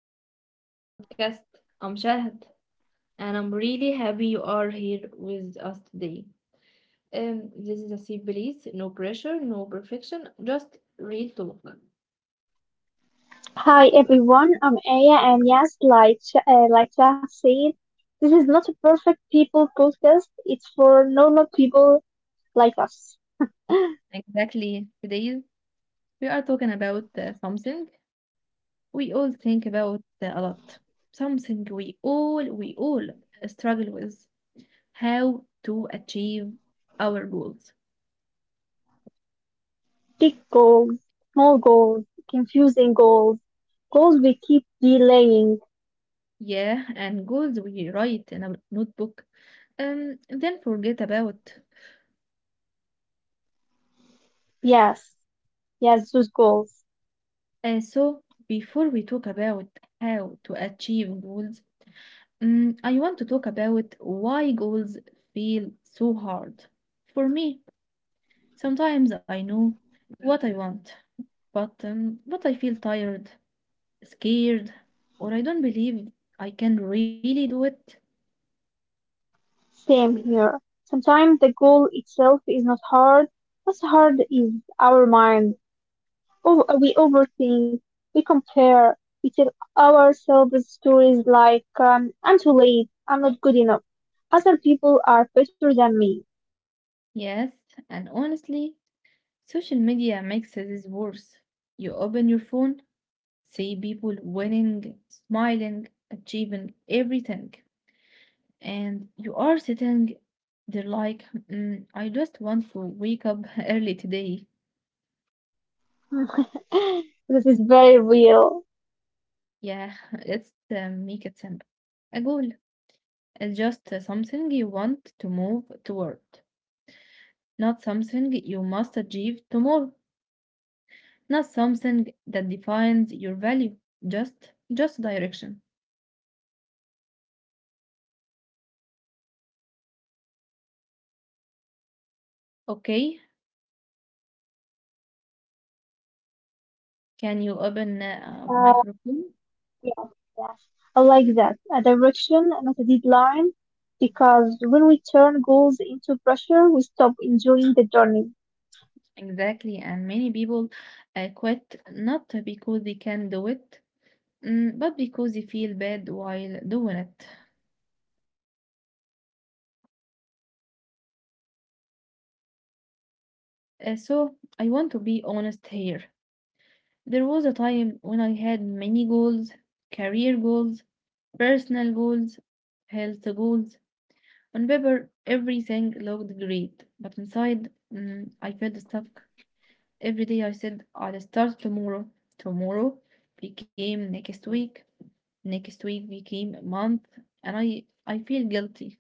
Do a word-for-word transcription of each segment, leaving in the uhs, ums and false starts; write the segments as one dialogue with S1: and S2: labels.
S1: welcome to our podcast. I'm Shahad and I'm really happy you are here with us today. Um, this is a simple no pressure, no perfection, just real talk.
S2: Hi everyone, I'm Aya, and yes, like uh, like Jack said, this is not a perfect people podcast. It's for normal people like us.
S1: Exactly. Today we are talking about uh, something we all think about uh, a lot. Something we all we all struggle with. How to achieve our goals.
S2: Big goals, small goals, confusing goals, goals we keep delaying.
S1: Yeah, and goals we write in a notebook. Um, then forget about.
S2: Yes, yes, those goals.
S1: Uh, so before we talk about how to achieve goals, um, I want to talk about why goals feel so hard. For me, sometimes I know what I want, but um, but I feel tired, scared, or I don't believe I can really do it.
S2: Same here. Sometimes the goal itself is not hard. What's hard is our mind. Oh, we overthink. We compare. We tell ourselves stories like, um, I'm too late. I'm not good enough. Other people are better than me.
S1: Yes, and honestly, social media makes this worse. You open your phone, see people winning, smiling, achieving everything, and you are sitting there like, "Mm, I just want to wake up early today.
S2: This is very real.
S1: Yeah, let's uh, make it simple. A goal is just uh, something you want to move toward, not something you must achieve tomorrow, not something that defines your value, just just direction. Okay, can you open uh, a
S2: Um,
S1: microphone?
S2: yeah, yes. I like that. A direction, not a deadline. Because when we turn goals into pressure, we stop enjoying the journey.
S1: Exactly, and many people uh, quit not because they can do it, mm, but because they feel bad while doing it. Uh, so, I want to be honest here. There was a time when I had many goals, career goals, personal goals, health goals. On paper, everything looked great, but inside, mm, I felt stuck. Every day I said, I'll start tomorrow. Tomorrow became next week. Next week became a month and I I feel guilty.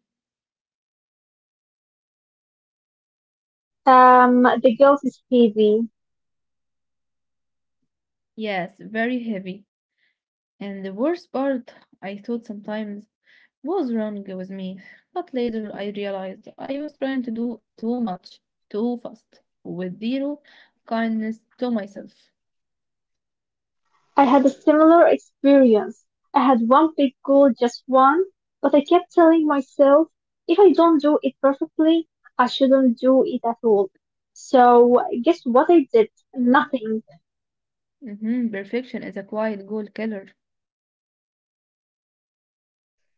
S2: Um, the guilt is heavy.
S1: Yes, very heavy. And the worst part, I thought sometimes was wrong with me, but later I realized I was trying to do too much, too fast, with zero kindness to myself.
S2: I had a similar experience. I had one big goal, just one, but I kept telling myself, if I don't do it perfectly, I shouldn't do it at all. So guess what I did? Nothing.
S1: hmm Perfection is a quiet goal killer.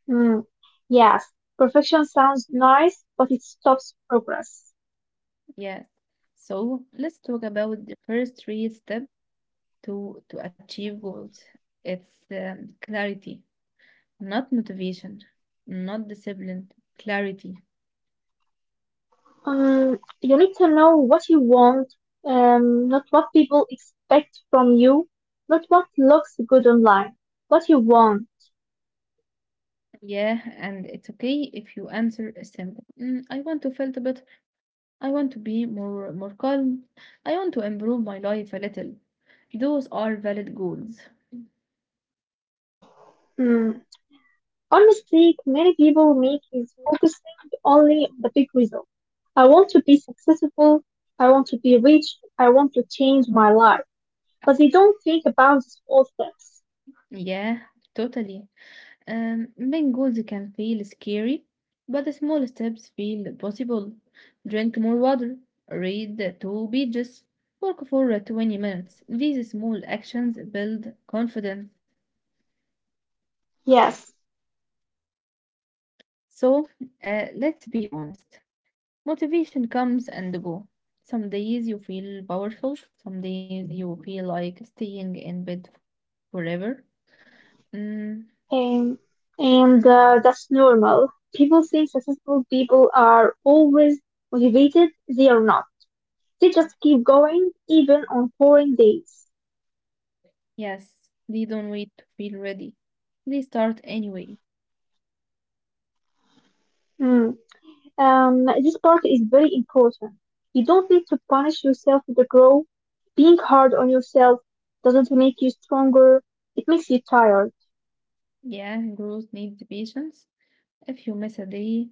S2: Hmm. Yes, perfection sounds nice, but it stops progress.
S1: Yes. So let's talk about the first three steps to to achieve goals. It's um, clarity. Not motivation, not discipline, clarity.
S2: Um, you need to know what you want, um, not what people expect from you, not what looks good online. What you want.
S1: Yeah, and it's okay if you answer a simple. "Mm, I want to feel better. I want to be more more calm. I want to improve my life a little. Those are valid goals.
S2: Hmm. One mistake many people make is focusing only on the big result. I want to be successful. I want to be rich. I want to change my life. But they don't think about the small steps.
S1: Yeah, totally. Um, main goals can feel scary, but the small steps feel possible. Drink more water, read two pages, work for uh, twenty minutes. These small actions build confidence.
S2: Yes,
S1: So, uh, let's be honest. Motivation comes and go. Some days you feel powerful, some days you feel like staying in bed forever. Mm,
S2: and and uh, that's normal. People think successful people are always motivated. They are not. They just keep going even on boring days.
S1: yes, they don't wait to feel ready. They start anyway.
S2: Mm. Um, this part is very important. You don't need to punish yourself to grow. Being hard on yourself doesn't make you stronger. It makes you tired.
S1: Yeah, growth needs patience. If you miss a day,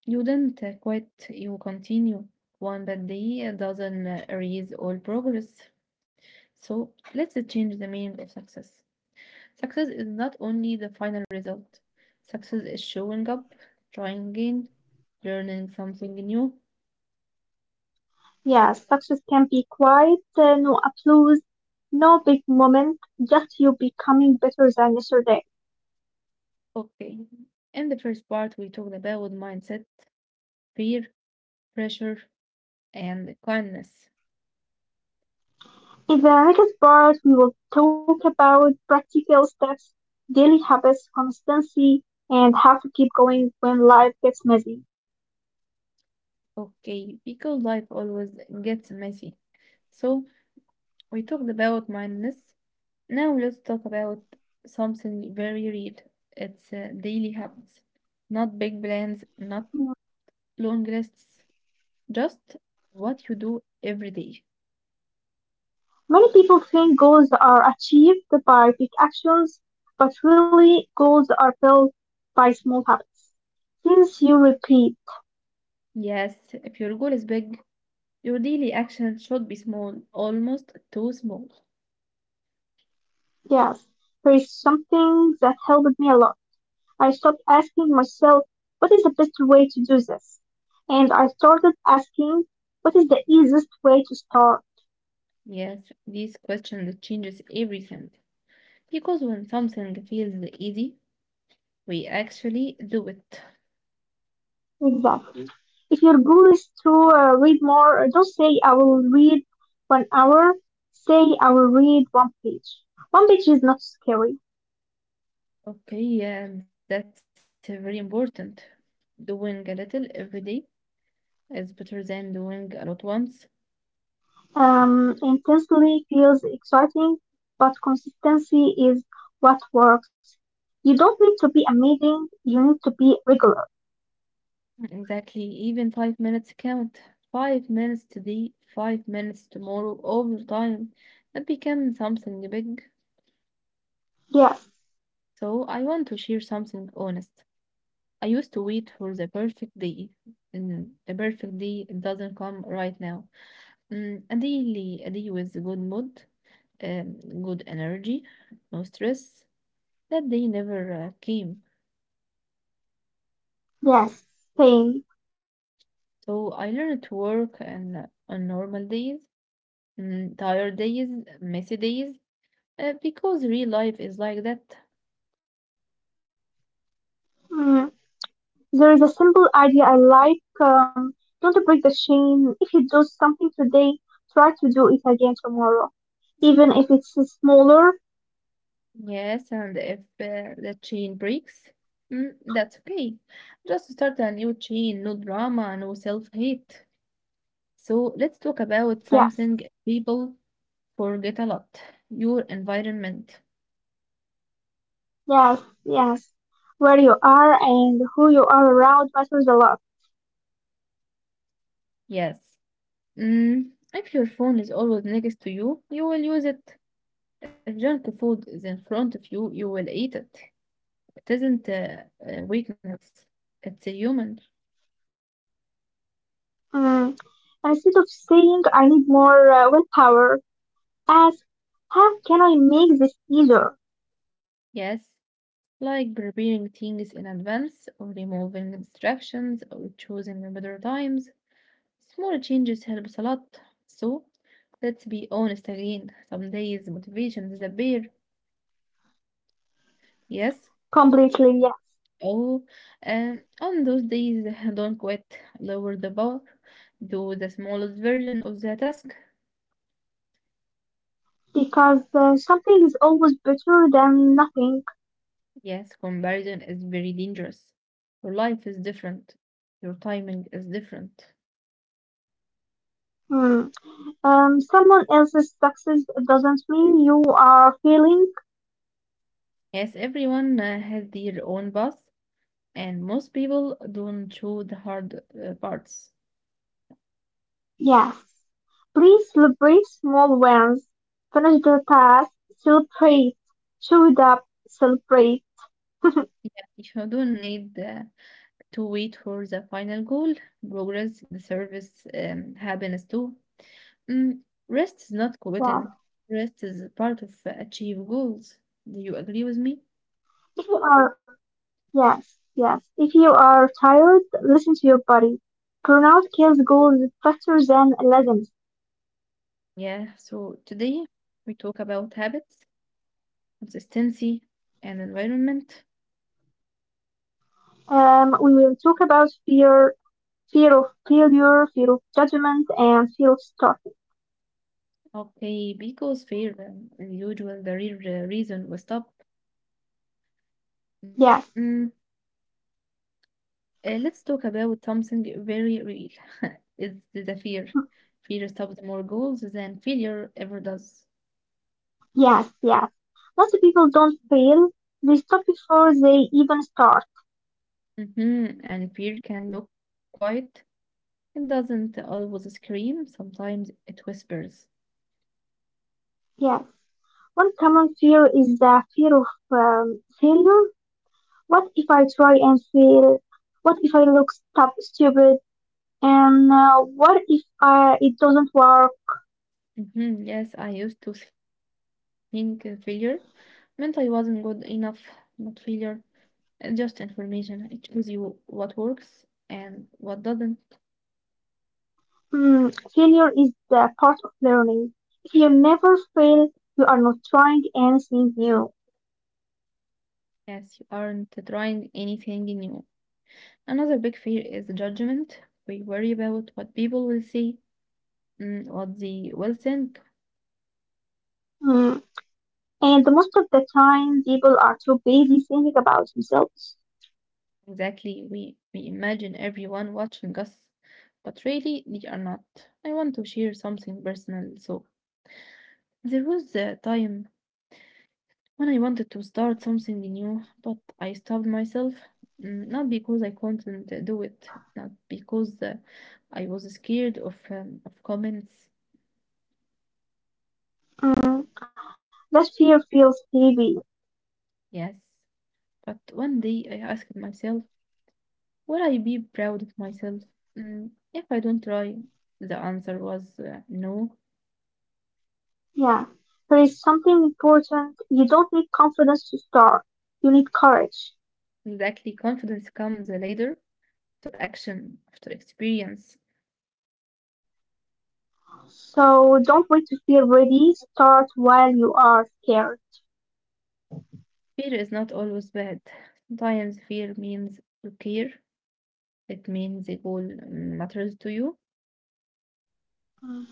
S1: you didn't uh, quit, you continue. One bad day doesn't uh, erase all progress. So let's uh, change the meaning of success. Success is not only the final result, success is showing up, trying again, learning something new.
S2: Yeah, success can be quiet, uh, no applause, no big moment, just you becoming better than yesterday.
S1: Okay, in the first part, we talked about mindset, fear, pressure, and kindness.
S2: In the next part, we will talk about practical steps, daily habits, consistency, and how to keep going when life gets messy.
S1: Okay, because life always gets messy. So we talked about mindness. Now let's talk about something very real. It's uh, daily habits. Not big plans, not long lists, just what you do every day.
S2: Many people think goals are achieved by big actions, but really goals are built by small habits. Things you repeat.
S1: Yes, if your goal is big, your daily action should be small, almost too small.
S2: Yes, there is something that helped me a lot. I stopped asking myself, what is the best way to do this? And I started asking, what is the easiest way to start?
S1: Yes, this question that changes everything. Because when something feels easy, we actually do it.
S2: Exactly. If your goal is to uh, read more, uh, don't say, I will read one hour. Say, I will read one page. One page is not scary.
S1: Okay, yeah, that's uh, very important. Doing a little every day is better than doing a lot once.
S2: Um, intensely feels exciting, but consistency is what works. You don't need to be amazing, you need to be regular.
S1: Exactly. Even five minutes count. Five minutes today, five minutes tomorrow, over time. It becomes something big.
S2: Yes,
S1: So I want to share something honest. I used to wait for the perfect day. And the perfect day doesn't come right now. Mm, a daily a day with good mood, um, good energy, no stress. That day never uh, came.
S2: yes, same.
S1: So I learned to work and on normal days Mm, tired days, messy days, uh, because real life is like that.
S2: Mm, there is a simple idea I like. Um, don't break the chain. If you do something today, try to do it again tomorrow, even if it's smaller.
S1: Yes, and if uh, the chain breaks, mm, that's okay. Just start a new chain, no drama, no self-hate. So let's talk about
S2: Yes,
S1: something people forget a lot, your environment.
S2: yes, yes. Where you are and who you are around matters a lot.
S1: Yes. Mm, if your phone is always next to you, you will use it. If junk food is in front of you, you will eat it. It isn't uh, a weakness, it's a human.
S2: Mm. Instead of saying I need more uh, willpower, ask how can I make this easier?
S1: Yes, like preparing things in advance, or removing distractions, or choosing better times. Small changes helps a lot. So, let's be honest again. Some days motivation disappear. Yes.
S2: Completely yes,
S1: Oh, and on those days, don't quit. Lower the bar. Do the smallest version of the task.
S2: because uh, something is always better than nothing.
S1: Yes, comparison is very dangerous. Your life is different. Your timing is different.
S2: Hmm. Um, someone else's success doesn't mean you are failing.
S1: Yes, everyone uh, has their own path, and most people don't show the hard uh, parts.
S2: Yes, please celebrate small wins. Finish the task, celebrate, show it up, celebrate.
S1: Yeah, if you don't need uh, to wait for the final goal. Progress, the service, um, happiness too. Mm, Rest is not quitting.
S2: Wow.
S1: Rest is a part of uh, achieve goals. Do you agree with me?
S2: If you are. Yes, yes. If you are tired, listen to your body. Burnout kills goals faster than laziness.
S1: Yeah. So today we talk about habits, consistency, and environment.
S2: Um, we will talk about fear, fear of failure, fear of judgment, and fear of starting.
S1: Okay, because fear, um, the usual, the real uh, reason we stop. Mm,
S2: Yes,
S1: Uh, let's talk about something very real. It's the fear. Fear stops more goals than failure ever does.
S2: yes, yes. Lots of people don't fail. They stop before they even start.
S1: hmm And fear can look quiet. It doesn't always scream. Sometimes it whispers.
S2: Yes. One common fear is the fear of um, failure. What if I try and fail? What if I look stup- stupid? And uh, what if uh, it doesn't work?
S1: Hmm, yes, I used to think uh, failure meant I wasn't good enough, but failure is just information. It shows you what works and what doesn't.
S2: Hmm, failure is the part of learning. If you never fail, you are not trying anything new.
S1: Yes, you aren't trying anything new. Another big fear is judgment. We worry about what people will see, mm, what they will think.
S2: Hmm. And most of the time, people are too busy thinking about themselves.
S1: Exactly, we, we imagine everyone watching us, but really they are not. I want to share something personal. So, there was a time when I wanted to start something new, but I stopped myself. Mm, Not because I couldn't uh, do it, not because uh, I was scared of, um, of comments.
S2: Hmm. That fear feels heavy.
S1: Yes, but one day I asked myself, will I be proud of myself? Mm, if I don't try? The answer was uh, no.
S2: Yeah. There is something important. You don't need confidence to start. You need courage.
S1: Exactly, confidence comes later, after action, after experience.
S2: So don't wait to feel ready. Start while you are scared.
S1: Fear is not always bad. Sometimes fear means you care, it means a goal mm, matters to you.
S2: Hmm.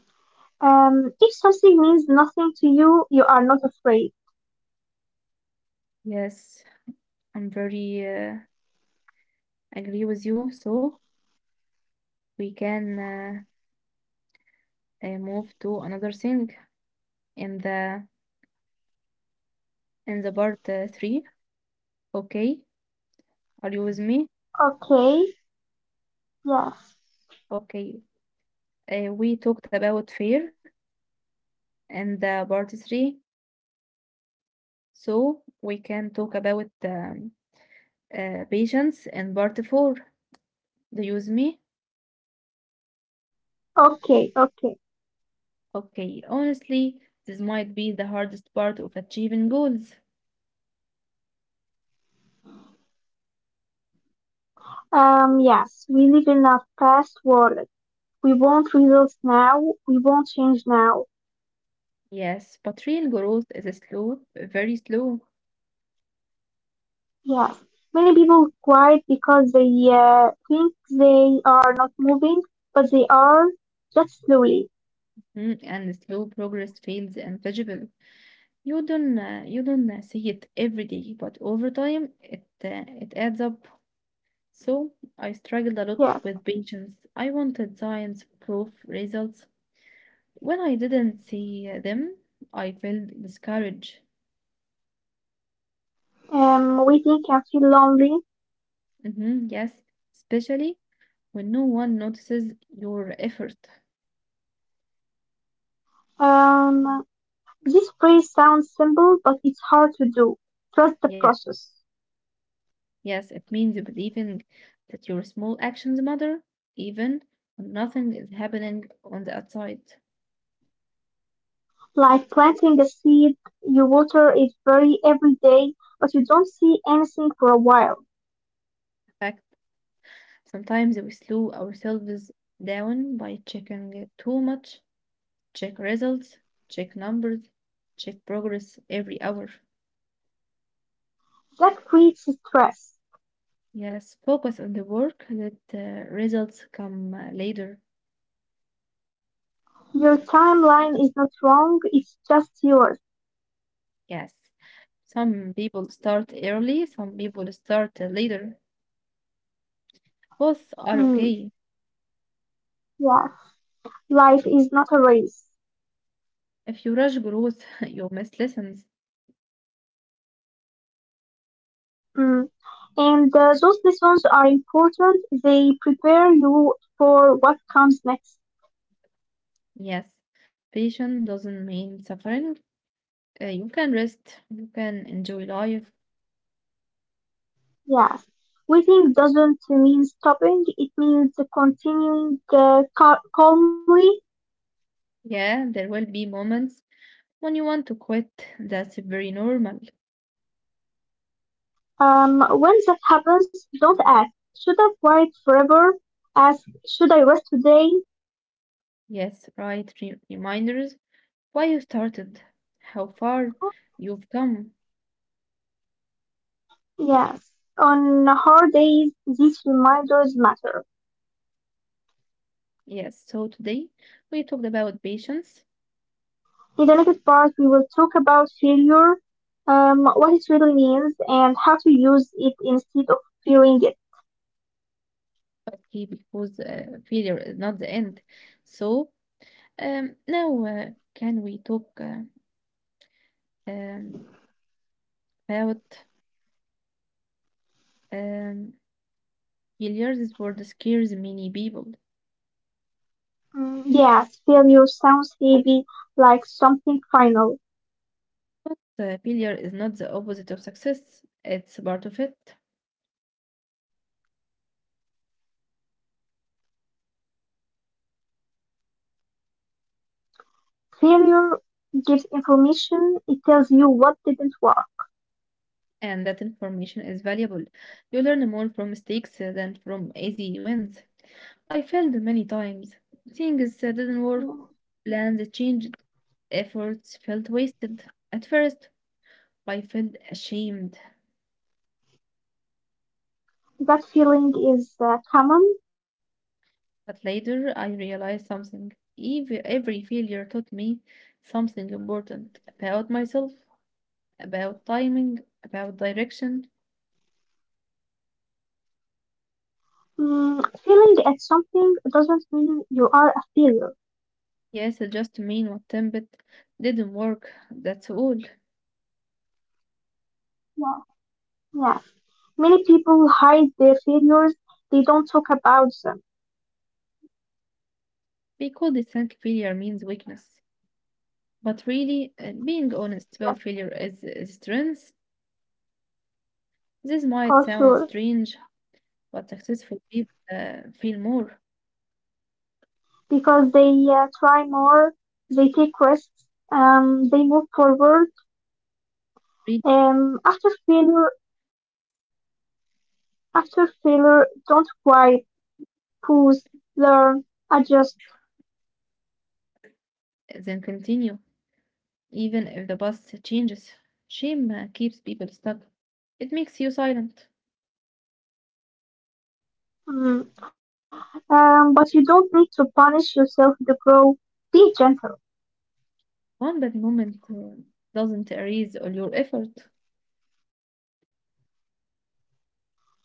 S2: Um, if something means nothing to you, you are not afraid.
S1: Yes, I'm very uh, agree with you. So we can uh, uh, move to another thing in the in the part uh, three. Okay, are you with me?
S2: Okay, yes.
S1: Okay, Uh, we talked about fear and the part three, so we can talk about um, uh, patience and part four. Do you use me?
S2: Okay, okay.
S1: Okay, honestly, this might be the hardest part of achieving goals.
S2: Um, yes, we live in a past world. We want results now. We want change now.
S1: Yes, but real growth is a slow, very slow,
S2: Yes. Many people quiet because they uh, think they are not moving, but they are just slowly.
S1: mm, and slow progress feels invisible. You don't, uh, you don't uh, see it every day, but over time, it uh, it adds up. So I struggled a lot
S2: Yes.
S1: with patience. I wanted science proof results. When I didn't see them, I felt discouraged.
S2: Um, waiting can feel lonely.
S1: Hmm, yes, especially when no one notices your effort.
S2: Um, this phrase sounds simple, but it's hard to do. Trust the
S1: Yes,
S2: process.
S1: yes, it means believing that your small actions matter, even when nothing is happening on the outside.
S2: Like planting a seed, you water it very every day, but you don't see anything for a while.
S1: In fact, sometimes we slow ourselves down by checking too much check results, check numbers, check progress every hour.
S2: That creates stress.
S1: Yes, focus on the work, let the results come uh, later.
S2: Your timeline is not wrong, it's just yours.
S1: Yes, some people start early, some people start uh, later. Both are
S2: Mm,
S1: okay.
S2: yeah, life is not a race.
S1: If you rush growth, you miss lessons.
S2: Mm. And uh, those lessons are important. They prepare you for what comes next.
S1: Yes, patience doesn't mean suffering. Uh, you can rest, you can enjoy life.
S2: Yes. Waiting doesn't mean stopping. It means continuing uh, cal- calmly.
S1: Yeah, there will be moments when you want to quit. That's very normal.
S2: Um, when that happens, don't ask, should I fight forever? Ask, should I rest today?
S1: Yes, right. Re- reminders why you started, how far you've come.
S2: Yes. On hard days, these reminders matter.
S1: Yes, so today we talked about patience,
S2: In the next part, we will talk about failure, um, what it really means, and how to use it instead of fearing it.
S1: okay, because uh, failure is not the end. So um, now uh, can we talk uh, um, about um, failures? This word scares many people,
S2: Mm, yes, failure sounds heavy, like something final.
S1: but uh, failure is not the opposite of success. It's part of it.
S2: Failure gives information, it tells you what didn't work.
S1: And that information is valuable. You learn more from mistakes uh, than from easy wins. I failed many times. Things uh,
S2: Mm.
S1: didn't work, plans changed, efforts felt wasted. At first, I felt ashamed,
S2: That feeling is uh, common.
S1: but later I realized something. Ev- Every failure taught me something important about myself, about timing, about direction.
S2: Mm, failing at something doesn't mean you are a failure.
S1: Yes, it just mean what template didn't work, that's all.
S2: Yeah. Yeah. Many people hide their failures. They don't talk about them.
S1: Because they think failure means weakness. But really, uh, being honest about failure is a
S2: Yes,
S1: strength. This might sound strange,
S2: for
S1: but
S2: sure.
S1: successful people uh, fail more
S2: Because they uh, try more, they take risks, um, they move forward.
S1: really,
S2: Um, after failure, After failure, don't cry, pause, learn, adjust.
S1: than continue, even if the bus changes. Shame uh, keeps people stuck. It makes you silent.
S2: Mm. Um, but you don't need to punish yourself to grow. Be gentle.
S1: One bad moment uh, doesn't erase all your effort.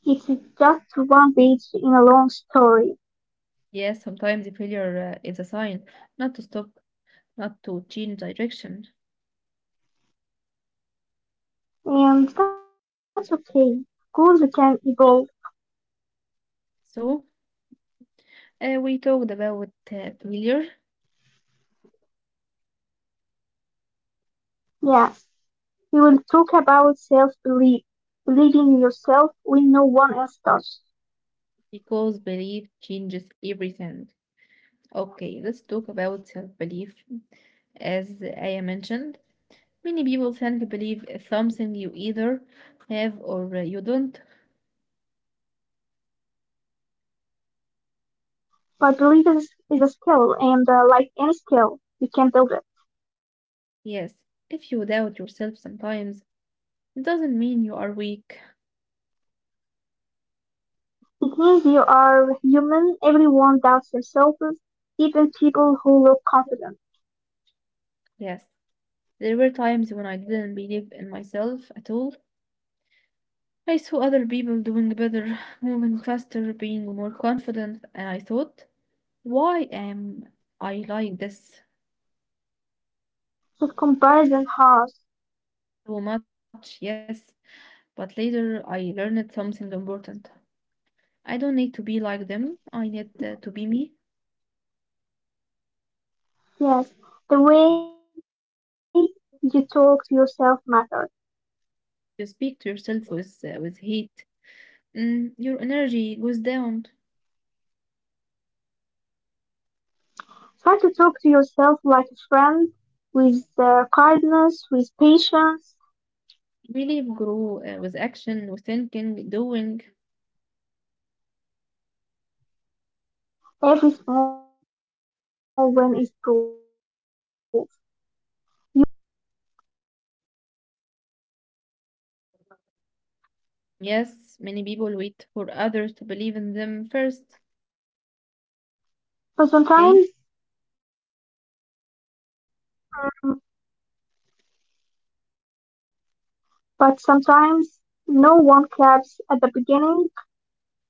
S2: It's just one page in a long story,
S1: Yes, sometimes the failure uh, is a sign not to stop, not to change direction.
S2: and that's okay. Goals can evolve.
S1: So, Uh, we talked about uh, failure
S2: Yes, we will talk about self-belief, believing in yourself when no one else does.
S1: because belief changes everything. Okay, let's talk about self belief. As I mentioned, many people tend to believe something you either have or uh, you don't.
S2: But belief is, is a skill, and uh, like any skill, you can build it.
S1: Yes, if you doubt yourself sometimes, it doesn't mean you are weak.
S2: It means you are human. Everyone doubts themselves, even people who look confident.
S1: Yes, there were times when I didn't believe in myself at all. I saw other people doing better, moving faster, being more confident, and I thought, why am I like this?
S2: So comparison has.
S1: So much, yes, but later I learned something important. I don't need to be like them. I need uh,
S2: Yes,
S1: to be me.
S2: yes, the way you talk to yourself matters.
S1: You speak to yourself with uh, with hate. Mm, your energy goes down.
S2: Try to talk to yourself like a friend, with uh, kindness, with patience.
S1: Really grow uh, with action, with thinking, doing.
S2: Every small win is proof. You showed up, you tried. That matters.
S1: Yes, many people wait for others to believe in them first.
S2: But
S1: Okay?
S2: sometimes, mm, but sometimes no one claps at the beginning,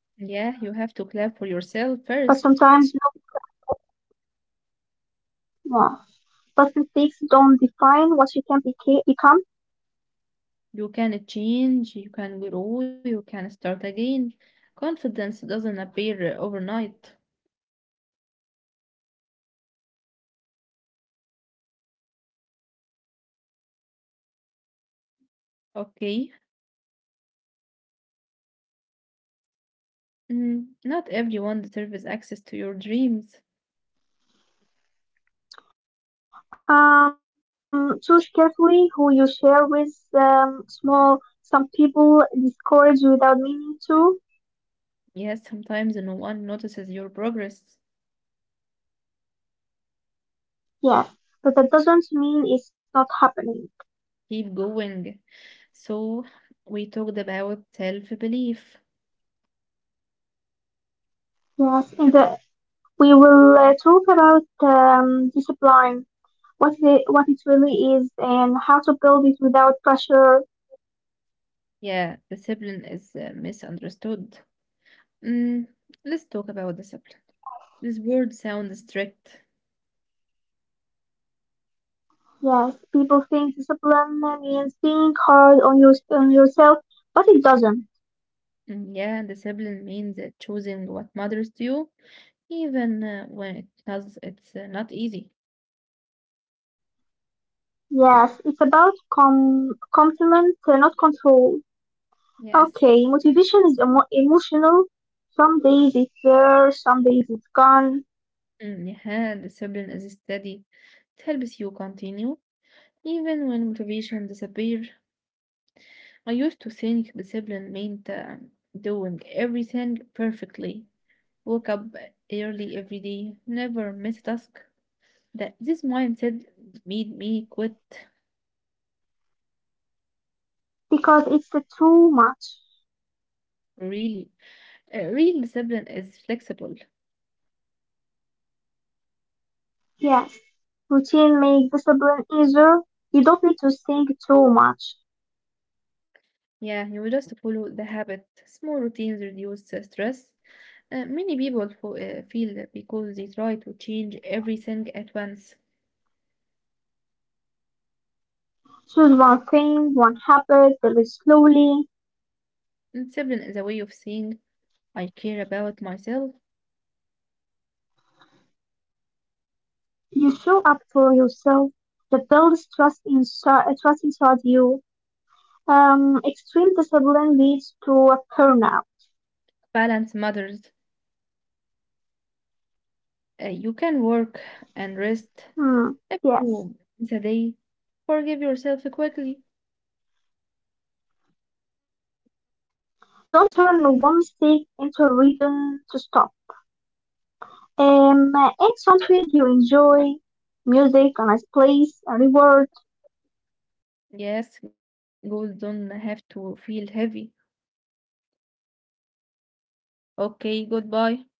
S1: Yeah, you have to
S2: But
S1: clap for
S2: sometimes no
S1: yourself
S2: one claps
S1: first.
S2: at the beginning. Yeah. But mistakes don't define what you can beca- become.
S1: You can change, you can grow, you can start again. Confidence doesn't appear uh,
S2: Yeah.
S1: overnight.
S2: It grows slowly, like trust, with
S1: Okay,
S2: time and effort.
S1: Mm, not everyone deserves access to your dreams.
S2: Um, choose carefully who you share with. Um, small, some people discourage without meaning to.
S1: Yes, sometimes no one notices your progress.
S2: Yes, but that doesn't mean it's not happening.
S1: Keep going. So, we talked about self belief.
S2: Yes, and uh, we will uh, talk about um, discipline, what it, what it really is, and how to build it without pressure.
S1: Yeah, discipline is uh, misunderstood. Mm, let's talk about discipline.
S2: Yes,
S1: This word sounds strict.
S2: yes. People think discipline means being hard on your on yourself, but it doesn't.
S1: Mm, yeah, discipline means uh, choosing what matters to you, even uh, when it does, it's uh, not easy.
S2: Yes, it's about com- complement, uh, not control.
S1: Yes,
S2: Okay, motivation is emo- emotional. Some days it's there, some days it's gone
S1: mm, yeah, discipline is steady. It helps you continue even when motivation disappeared, I used to think discipline meant uh, doing everything perfectly. Woke up early every day, never miss a task. That this mindset made me quit.
S2: because it's the too much.
S1: Really, uh, real discipline is flexible.
S2: Yes, routine make discipline easier. You don't need to think too much.
S1: Yeah, you just follow the habit. Small routines reduce uh, stress. Uh, many people fo- uh, feel that because they try to change everything at once.
S2: Choose one thing, one habit, build it slowly.
S1: Discipline is a way of saying I care about myself.
S2: You show up for yourself. That builds trust in.
S1: Balance matters. Uh, you can work and rest. If you miss a day, forgive yourself quickly. Yes, goals don't have to feel heavy. Okay, goodbye.